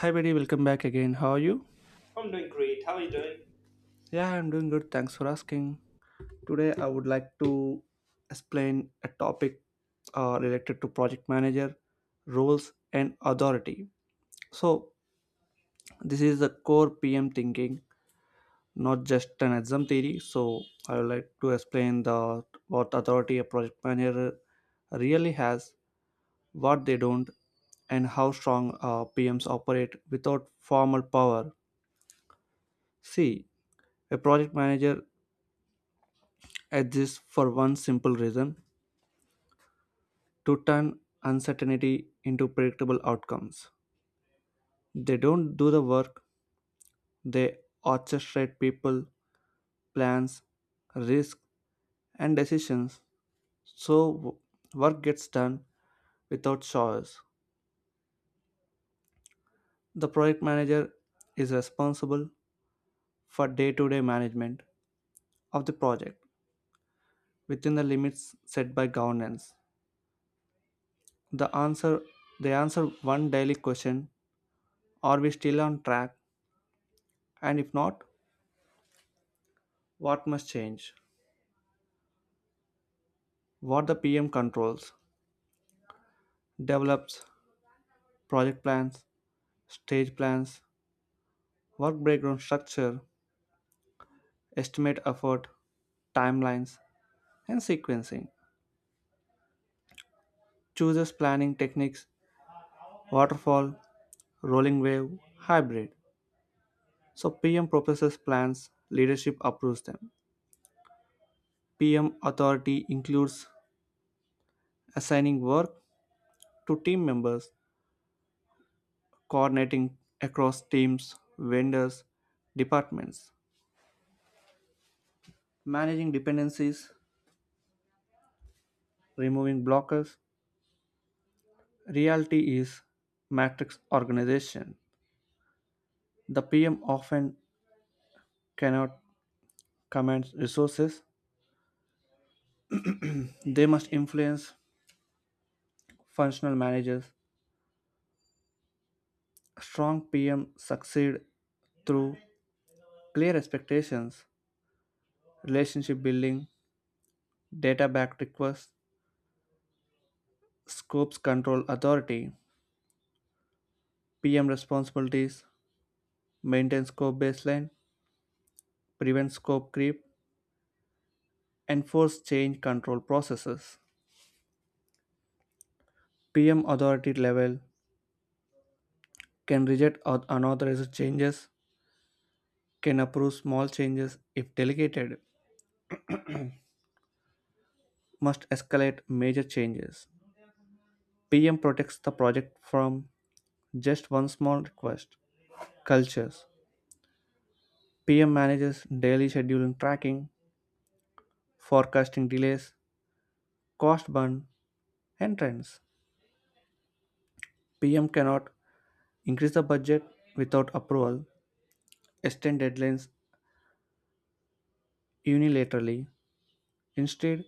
Hi, buddy. Welcome back again. How are you? I'm doing great. How are you doing? Yeah, I'm doing good. Thanks for asking. Today, I would like to explain a topic related to project manager roles and authority. So, this is the core PM thinking, not just an exam theory. So, I would like to explain the what authority a project manager really has, what they don't, and how strong PMs operate without formal power. See, a project manager at this, for one simple reason to turn uncertainty into predictable outcomes. They don't do the work, they orchestrate people, plans, risks, and decisions so work gets done without choice. The project manager is responsible for day to day management of the project within the limits set by governance. The answer they answer one daily question: are we still on track? And if not, what must change? What the PM controls, develops, project plans, stage plans, work breakdown structure, estimate effort, timelines, and sequencing. Chooses planning techniques, waterfall, rolling wave, hybrid. So PM proposes plans, leadership approves them. PM authority includes assigning work to team members, coordinating across teams, vendors, departments, managing dependencies, removing blockers, reality is matrix organization. The PM often cannot command resources. They must influence functional managers. Strong PM succeed through clear expectations, relationship building, data back requests, scopes control authority, PM responsibilities, maintain scope baseline, prevent scope creep, enforce change control processes. PM authority level can reject unauthorized changes, can approve small changes if delegated, must escalate major changes. PM protects the project from just one small request. Cultures PM manages daily scheduling tracking, forecasting delays, cost burn, and trends. PM cannot increase the budget without approval, extend deadlines unilaterally. Instead,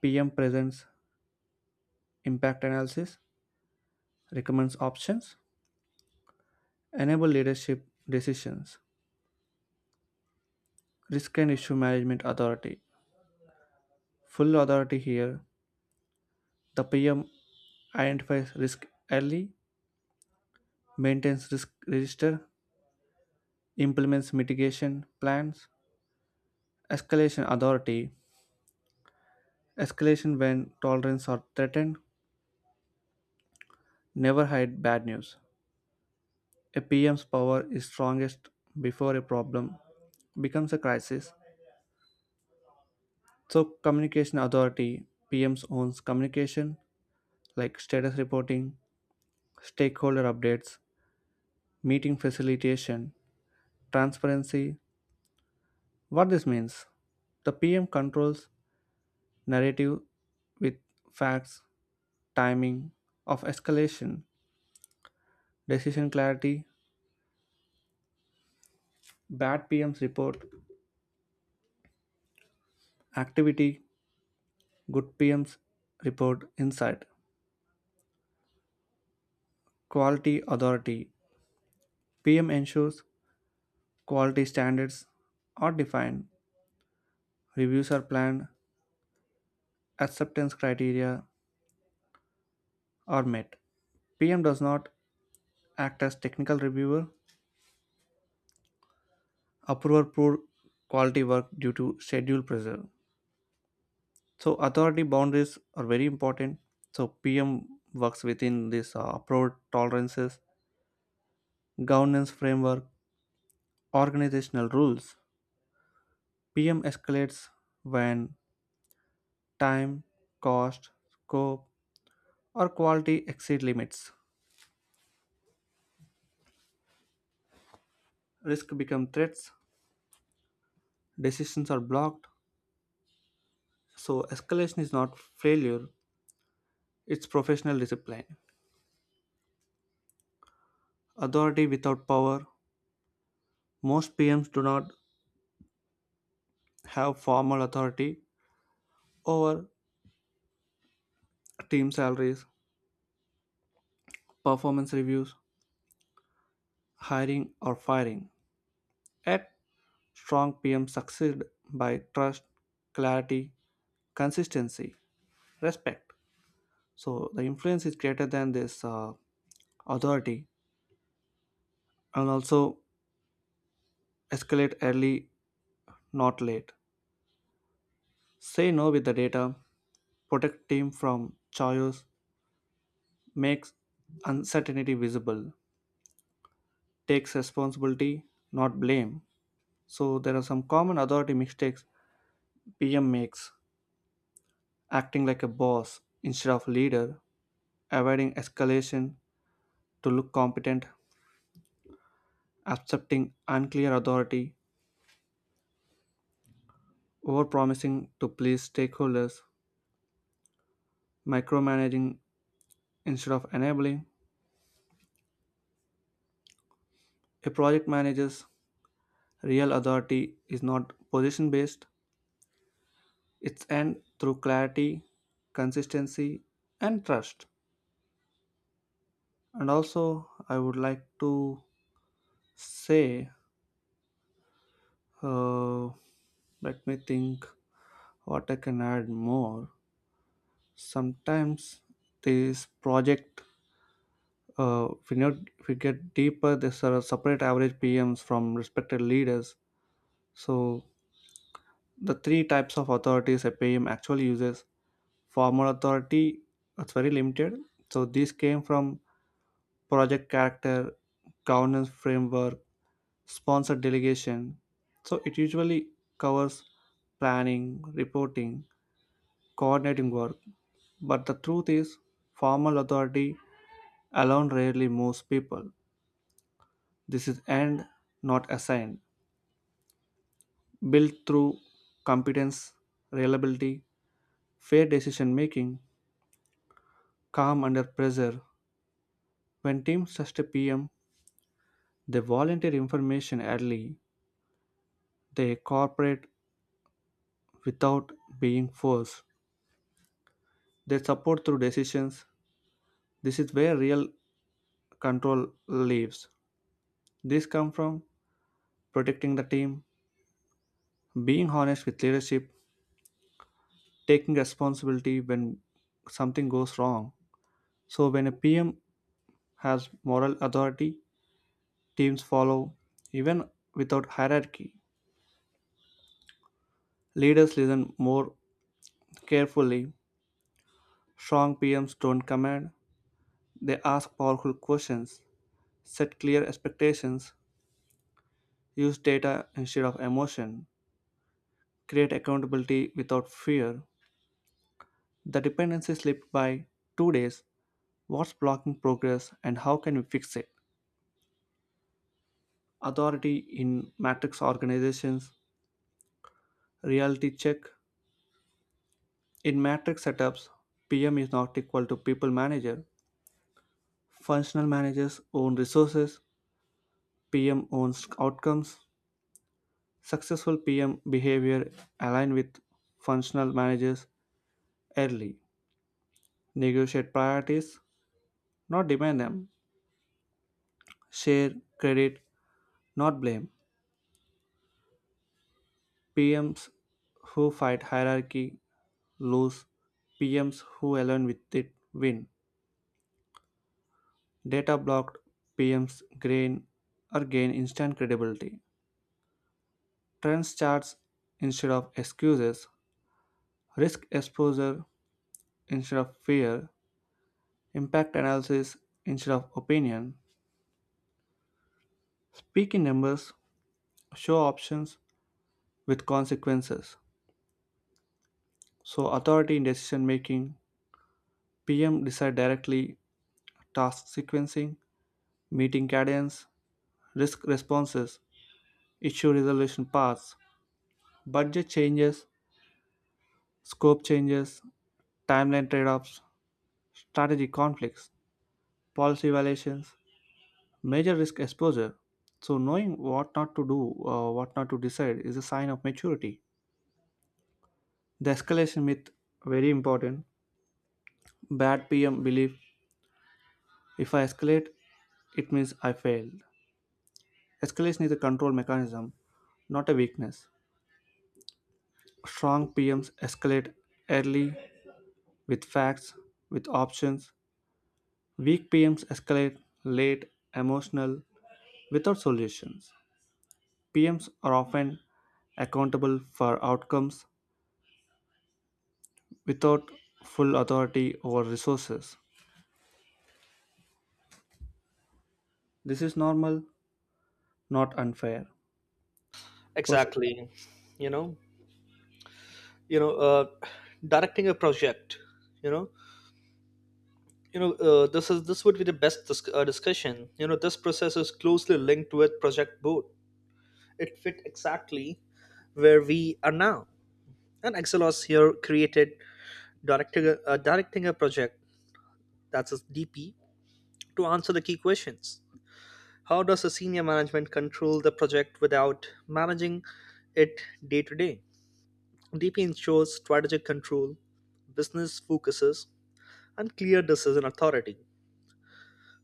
PM presents impact analysis, recommends options, enable leadership decisions. Risk and issue management authority. Full authority here. The PM identifies risk early, maintains risk register, implements mitigation plans. Escalation authority. Escalation when tolerance are threatened. Never hide bad news. A PM's power is strongest before a problem becomes a crisis. So, communication authority PMs owns communication like status reporting, stakeholder updates, meeting facilitation, transparency. What this means? The PM controls narrative with facts, timing of escalation, decision clarity, bad PMs report activity, good PMs report insight, quality authority. PM ensures quality standards are defined, reviews are planned, acceptance criteria are met. PM does not act as technical reviewer approver poor quality work due to schedule pressure. So authority boundaries are very important. So PM works within this uproar tolerances, governance framework, organizational rules. PM escalates when time, cost, scope, or quality exceed limits. Risk become threats. Decisions are blocked. So escalation is not failure; it's professional discipline. Authority without power. Most PMs do not have formal authority over team salaries, performance reviews, hiring, or firing. Yet, strong PM succeed by trust, clarity, consistency, respect. So, the influence is greater than this authority and also escalate early, not late. Say no with the data, protect team from chaos, makes uncertainty visible, takes responsibility, not blame. So there are some common authority mistakes PM makes, acting like a boss instead of leader, avoiding escalation to look competent, accepting unclear authority, overpromising to please stakeholders, micromanaging instead of enabling. A project manager's real authority is not position based, it's earned through clarity, consistency, and trust. And also, I would like to say, uh, let me think what I can add more. Sometimes these project, we know, we get deeper, there's are separate average PMs from respected leaders. So the three types of authorities a PM actually uses: formal authority, it's very limited. So these came from project character, governance framework, sponsored delegation. So it usually covers planning, reporting, coordinating work, but the truth is formal authority alone rarely moves people. This is and not a sign. Built through competence, reliability, fair decision making, calm under pressure. When teams trust a PM, they volunteer information early. They cooperate without being forced. They support through decisions. This is where real control lives. This comes from protecting the team, being honest with leadership, taking responsibility when something goes wrong. So when a PM has moral authority, teams follow even without hierarchy. Leaders listen more carefully. Strong PMs don't command, they ask powerful questions, set clear expectations, use data instead of emotion, create accountability without fear. The dependency slipped by 2 days. What's blocking progress and how can we fix it? Authority in matrix organizations, reality check, in matrix setups, PM is not equal to people manager. Functional managers own resources, PM owns outcomes. Successful PM behavior align with functional managers early, negotiate priorities, not demand them, share credit, not blame. PMs who fight hierarchy lose, PMs who align with it win. Data blocked PMs gain or gain instant credibility. Trends charts instead of excuses, risk exposure instead of fear, impact analysis instead of opinion. Speak in numbers, show options with consequences. So, authority in decision making, PM decide directly task sequencing, meeting cadence, risk responses, issue resolution paths, budget changes, scope changes, timeline trade offs, strategy conflicts, policy violations, major risk exposure. So, knowing what not to do, what not to decide is a sign of maturity. The escalation myth, very important. Bad PM belief if I escalate, it means I failed. Escalation is a control mechanism, not a weakness. Strong PMs escalate early with facts, with options. Weak PMs escalate late, emotional, without solutions. PMs are often accountable for outcomes without full authority or resources. This is normal, not unfair. Pers- Exactly. you know you know uh, Directing a project, you know this would be the best discussion. This process is closely linked with project boot. It fit exactly where we are now. And Excelos here created directing a project, that's a DP, to answer the key questions. How does a senior management control the project without managing it day to day? DP ensures strategic control, business focuses, and clear decision authority.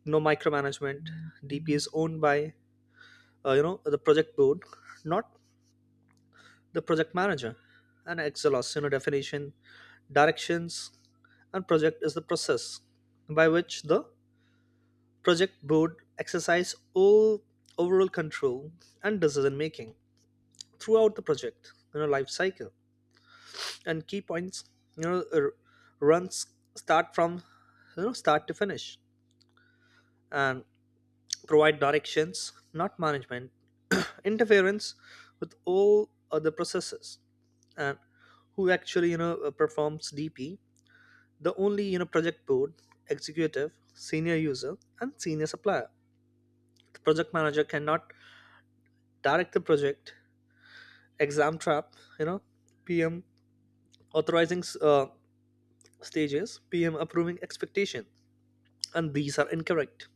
No micromanagement. DP is owned by the project board, not the project manager. And Excelos, definition, directions, and project is the process by which the project board exercise all overall control and decision making throughout the project life cycle. And key points, you know r- runs start from start to finish, and provide directions, not management interference with all other processes. And who actually performs DP? The only project board, executive, senior user, and senior supplier. The project manager cannot direct the project. Exam trap, you know PM authorizing stages, PM approving expectation, and these are incorrect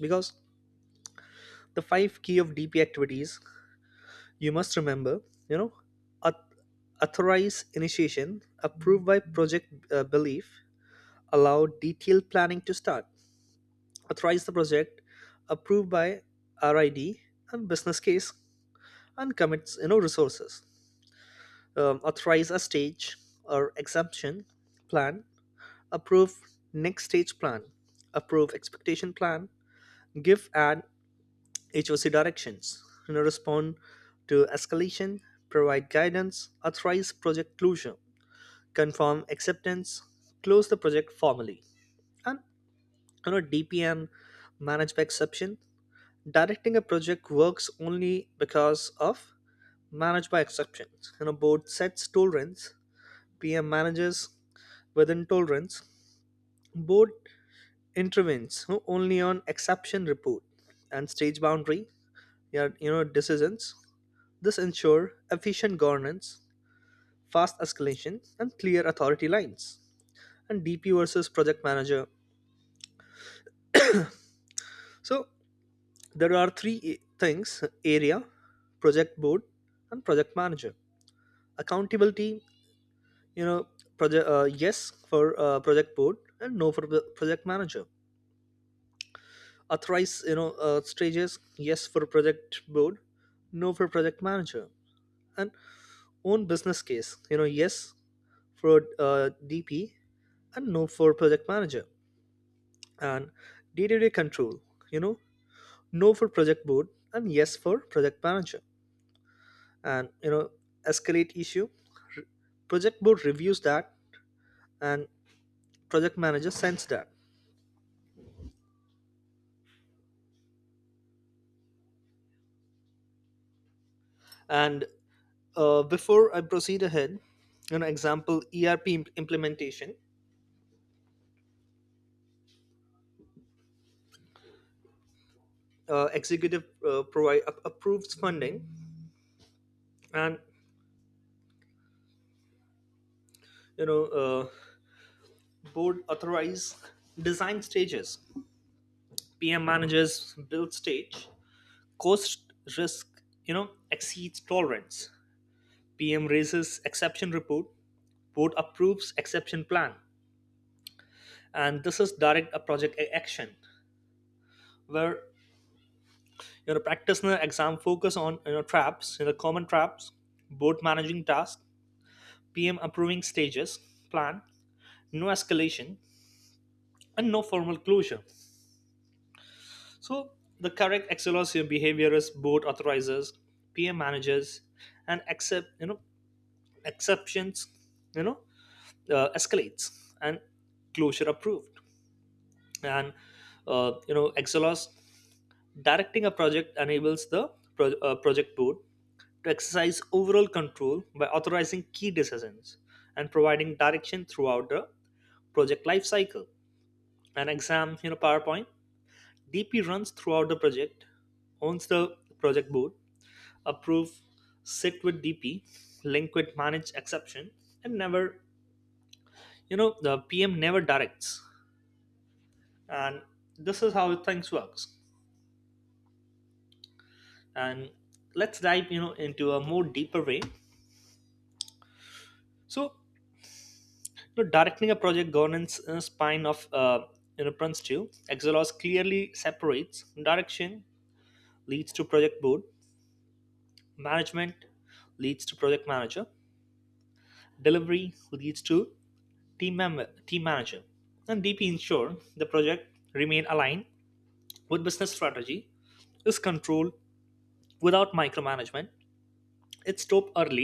because the five key of DP activities you must remember, you know auth- authorize initiation approved by project belief, allow detailed planning to start. Authorize the project approved by rid and business case, and commits resources. Authorize a stage or exemption plan, approve next stage plan, approve expectation plan. Give an HOC directions, respond to escalation, provide guidance, authorize project closure, confirm acceptance, close the project formally. And DPM manage by exception. Directing a project works only because of manage by exceptions. Board sets tolerance, PM manages within tolerance, board intervenes only on exception report and stage boundary. Yeah, decisions, this ensures efficient governance, fast escalation, and clear authority lines. And DP versus project manager. So there are three things: area, project board, and project manager. Accountability, you know, project yes for project board and no for the project manager. Authorize, stages yes for project board, no for project manager. And own business case, yes for DP and no for project manager. And day-to-day control, you know no for project board and yes for project manager. And escalate issue, project board reviews that, and project manager sends that. And before I proceed ahead, example ERP implementation, executive provide approves funding, and you know uh, board authorize design stages, PM managers build stage, cost, risk exceeds tolerance, PM raises exception report, board approves exception plan. And this is direct a project action where practitioner exam focus on traps, common traps, board managing task, PM approving stages plan, no escalation, and no formal closure. So the correct excellence behavior is board authorizes, PM managers, and accept exceptions, you know escalates, and closure approved. And exelos directing a project enables the project board to exercise overall control by authorizing key decisions and providing direction throughout the project lifecycle. Cycle, an exam powerpoint, DP runs throughout the project, owns the project board approve, sit with DP, link with manage exception, and never the PM never directs. And this is how things works. And let's dive into a more deeper way. So, directing a project governance spine of Prince 2 exelos clearly separates direction leads to project board, management leads to project manager, delivery leads to team member, team manager. And DP ensure the project remain aligned with business strategy, is controlled without micromanagement. It stopped early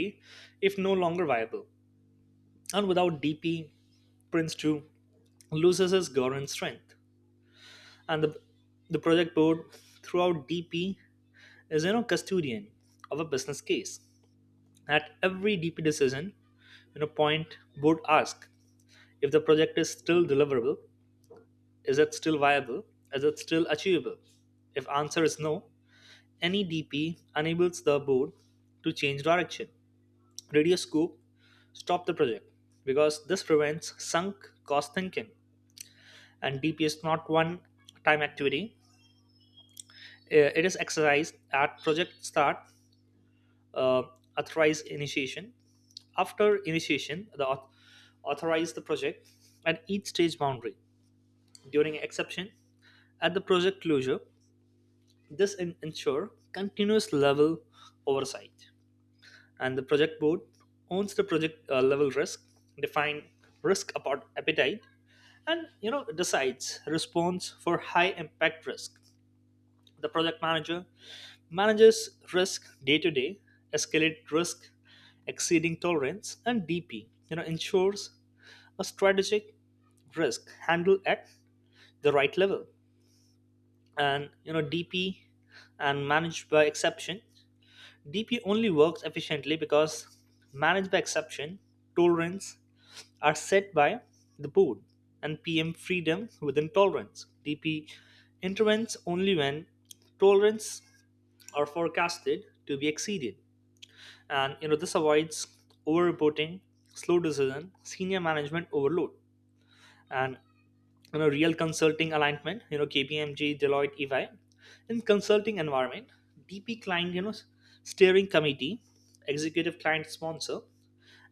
if no longer viable. And without DP, Prince 2 loses his governance strength. And the project board throughout DP is custodian of a business case. At every DP decision, point board asks if the project is still deliverable, is it still viable, is it still achievable? If answer is no, any DP enables the board to change direction. Reduce scope, stop the project, because this prevents sunk cost thinking. And DP is not one time activity. It is exercised at project start, uh, authorized initiation. After initiation, the authorize the project at each stage boundary. During exception, at the project closure, this ensure continuous level oversight. And the project board owns the project level risk, define risk about appetite, and decides response for high impact risk. The project manager manages risk day to day, escalate risk exceeding tolerance, and DP ensures a strategic risk handled at the right level. And DP and managed by exception, DP only works efficiently because managed by exception tolerance are set by the board, and PM freedom within tolerance. DP intervenes only when tolerance are forecasted to be exceeded. And this avoids over-reporting, slow decision, senior management overload, and real consulting alignment. KPMG, Deloitte, EY. In consulting environment, DP client steering committee, executive client sponsor,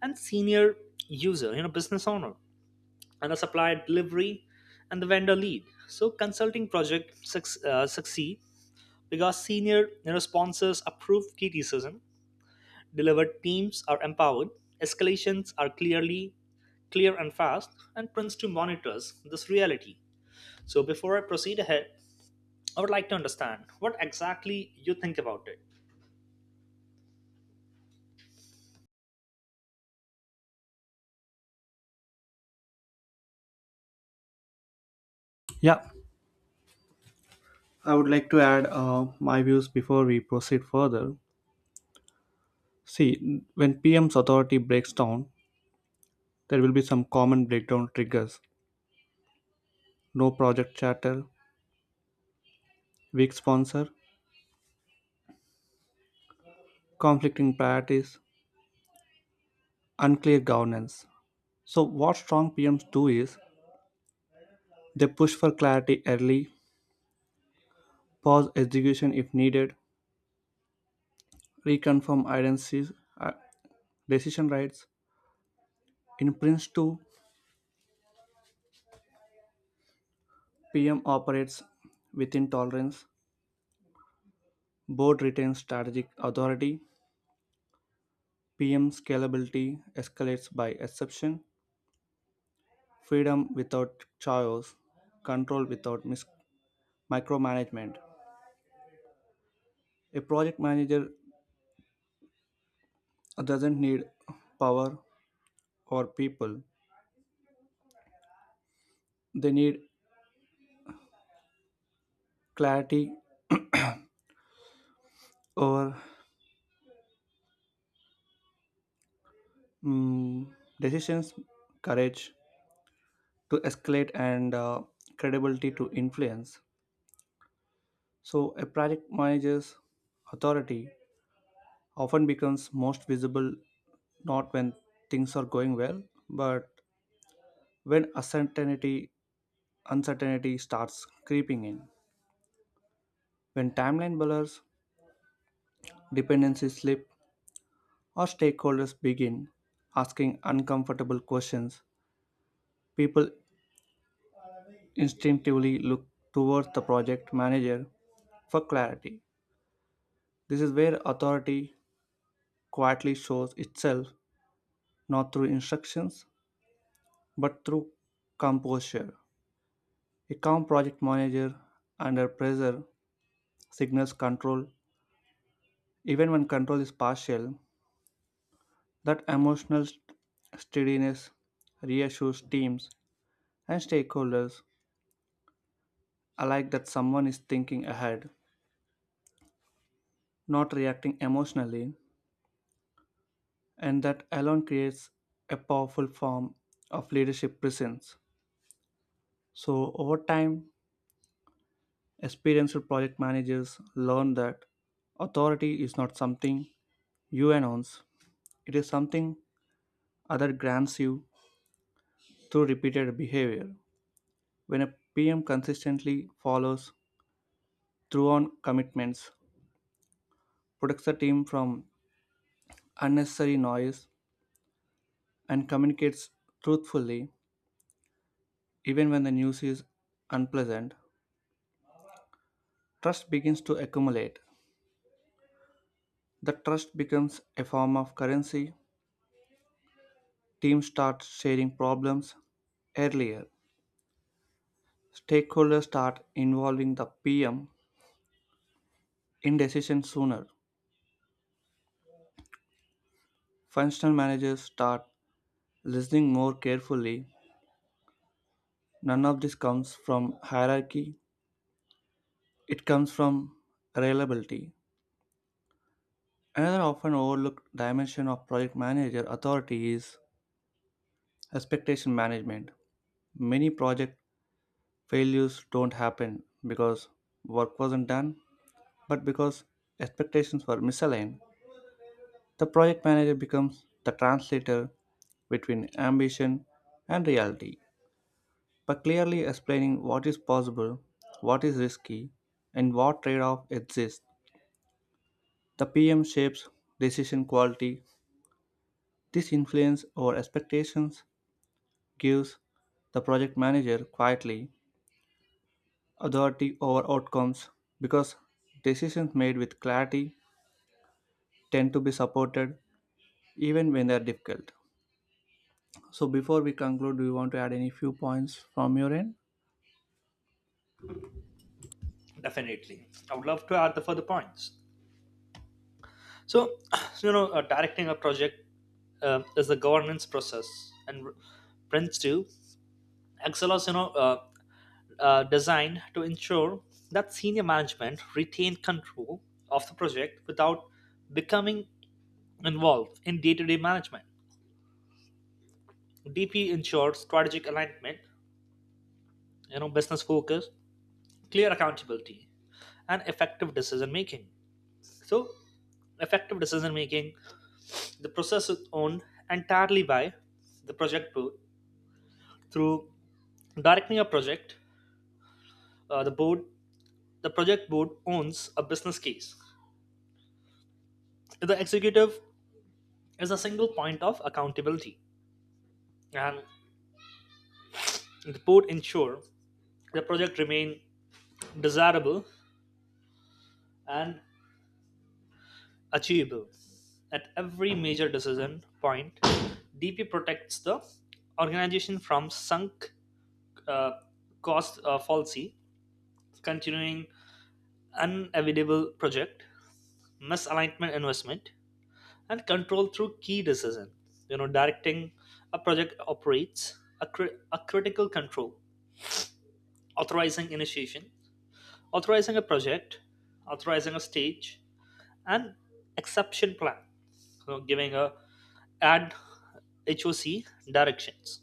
and senior user business owner, and the supplier delivery, and the vendor lead. So consulting project succeed because senior sponsors approve key criticism, delivered teams are empowered, escalations are clear and fast, and Prince two monitors this reality. So before I proceed ahead, I would like to understand what exactly you think about it. yeah, I would like to add my views before we proceed further. See, when PM's authority breaks down, there will be some common breakdown triggers: no project charter, weak sponsor, conflicting priorities, unclear governance. So, what strong PMs do is they push for clarity early, pause execution if needed, reconfirm identities, uh, decision rights. In Prince Two, PM operates within tolerance, board retains strategic authority, PM scalability escalates by exception, freedom without chaos, control without micromanagement. A project manager doesn't need power or people, they need clarity over mm, decisions, courage to escalate, and credibility to influence. So, a project manager's authority often becomes most visible not when things are going well, but when uncertainty starts creeping in. When timeline blurs, dependencies slip, or stakeholders begin asking uncomfortable questions, people instinctively look towards the project manager for clarity. This is where authority quietly shows itself not through instructions but through composure. A calm project manager under pressure signals control, even when control is partial. That emotional steadiness reassures teams and stakeholders alike that someone is thinking ahead, not reacting emotionally, and that alone creates a powerful form of leadership presence. So, over time, experienced project managers learn that authority is not something you announce. It is something other grants you through repeated behavior. When a PM consistently follows through on commitments, protects the team from unnecessary noise, and communicates truthfully, even when the news is unpleasant, trust begins to accumulate. The trust becomes a form of currency. Teams start sharing problems earlier. Stakeholders start involving the PM in decisions sooner. Functional managers start listening more carefully. None of this comes from hierarchy, it comes from reliability. Another often overlooked dimension of project manager authority is expectation management. Many project failures don't happen because work wasn't done, but because expectations were misaligned. The project manager becomes the translator between ambition and reality. By clearly explaining what is possible, what is risky, and what trade off exists, the PM shapes decision quality. This influence over expectations gives the project manager quietly authority over outcomes because decisions made with clarity tend to be supported even when they are difficult. So, before we conclude, do you want to add any few points from your end? Definitely, I would love to add the further points. So, directing a project is the governance process, and Prince2 Excel was, designed to ensure that senior management retained control of the project without becoming involved in day-to-day management. DP ensured strategic alignment, business focus, clear accountability, and effective decision making. So, effective decision making, the process is owned entirely by the project board through directing a project. Uh, the board, the project board owns a business case. The executive is a single point of accountability, and the board ensure the project remain desirable and achievable. At every major decision point, DP protects the organization from sunk uh, cost fallacy, continuing unavoidable project, misalignment investment, and control through key decision. Directing a project operates a, a critical control: authorizing initiation, authorizing a project, authorizing a stage, and exception plan. So giving a add HOC directions,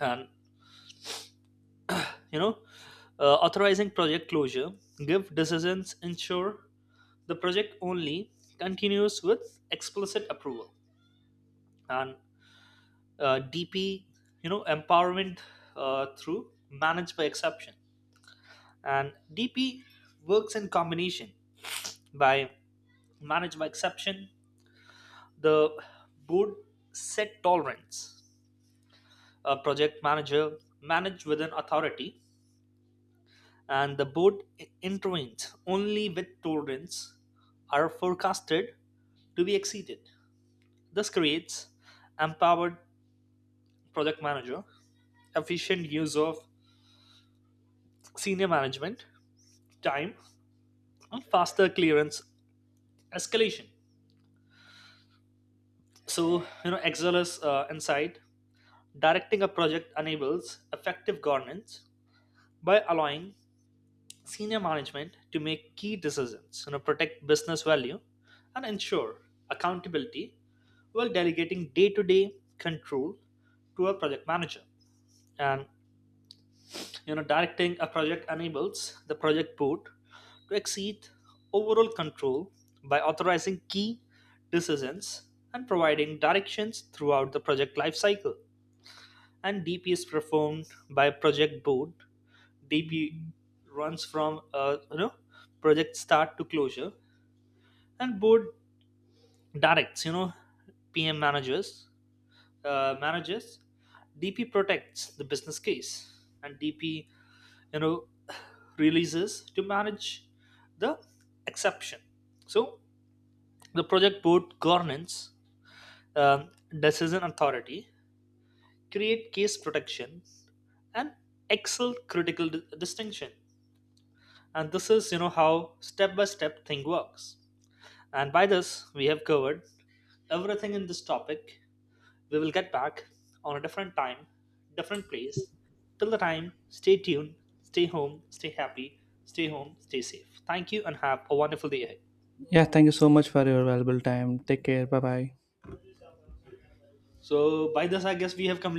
and you know authorizing project closure, give decisions, ensure the project only continues with explicit approval, and DP empowerment through managed by exception. And DP works in combination by manage my exception, the board set tolerance, a project manager manage with an authority, and the board intervenes only with tolerance are forecasted to be exceeded. This creates empowered project manager, efficient use of senior management time, and faster clearance escalation. So excel is inside directing a project enables effective governance by allowing senior management to make key decisions, protect business value, and ensure accountability while delegating day-to-day control to a project manager. And directing a project enables the project board to exceed overall control by authorizing key decisions and providing directions throughout the project lifecycle. And DP is performed by project board. DP runs from project start to closure, and board directs PM managers uh, managers. DP protects the business case, and DP you know releases to manage the exception. So the project board governance, um, decision authority, create case protection, and excel critical distinction. And this is how step by step thing works. And by this, we have covered everything in this topic. We will get back on a different time, different place. Till the time, stay tuned, stay home, stay happy, stay home, stay safe. Thank you and have a wonderful day ahead. Yeah, thank you so much for your valuable time. Take care. Bye bye. So, by this, I guess we have completed.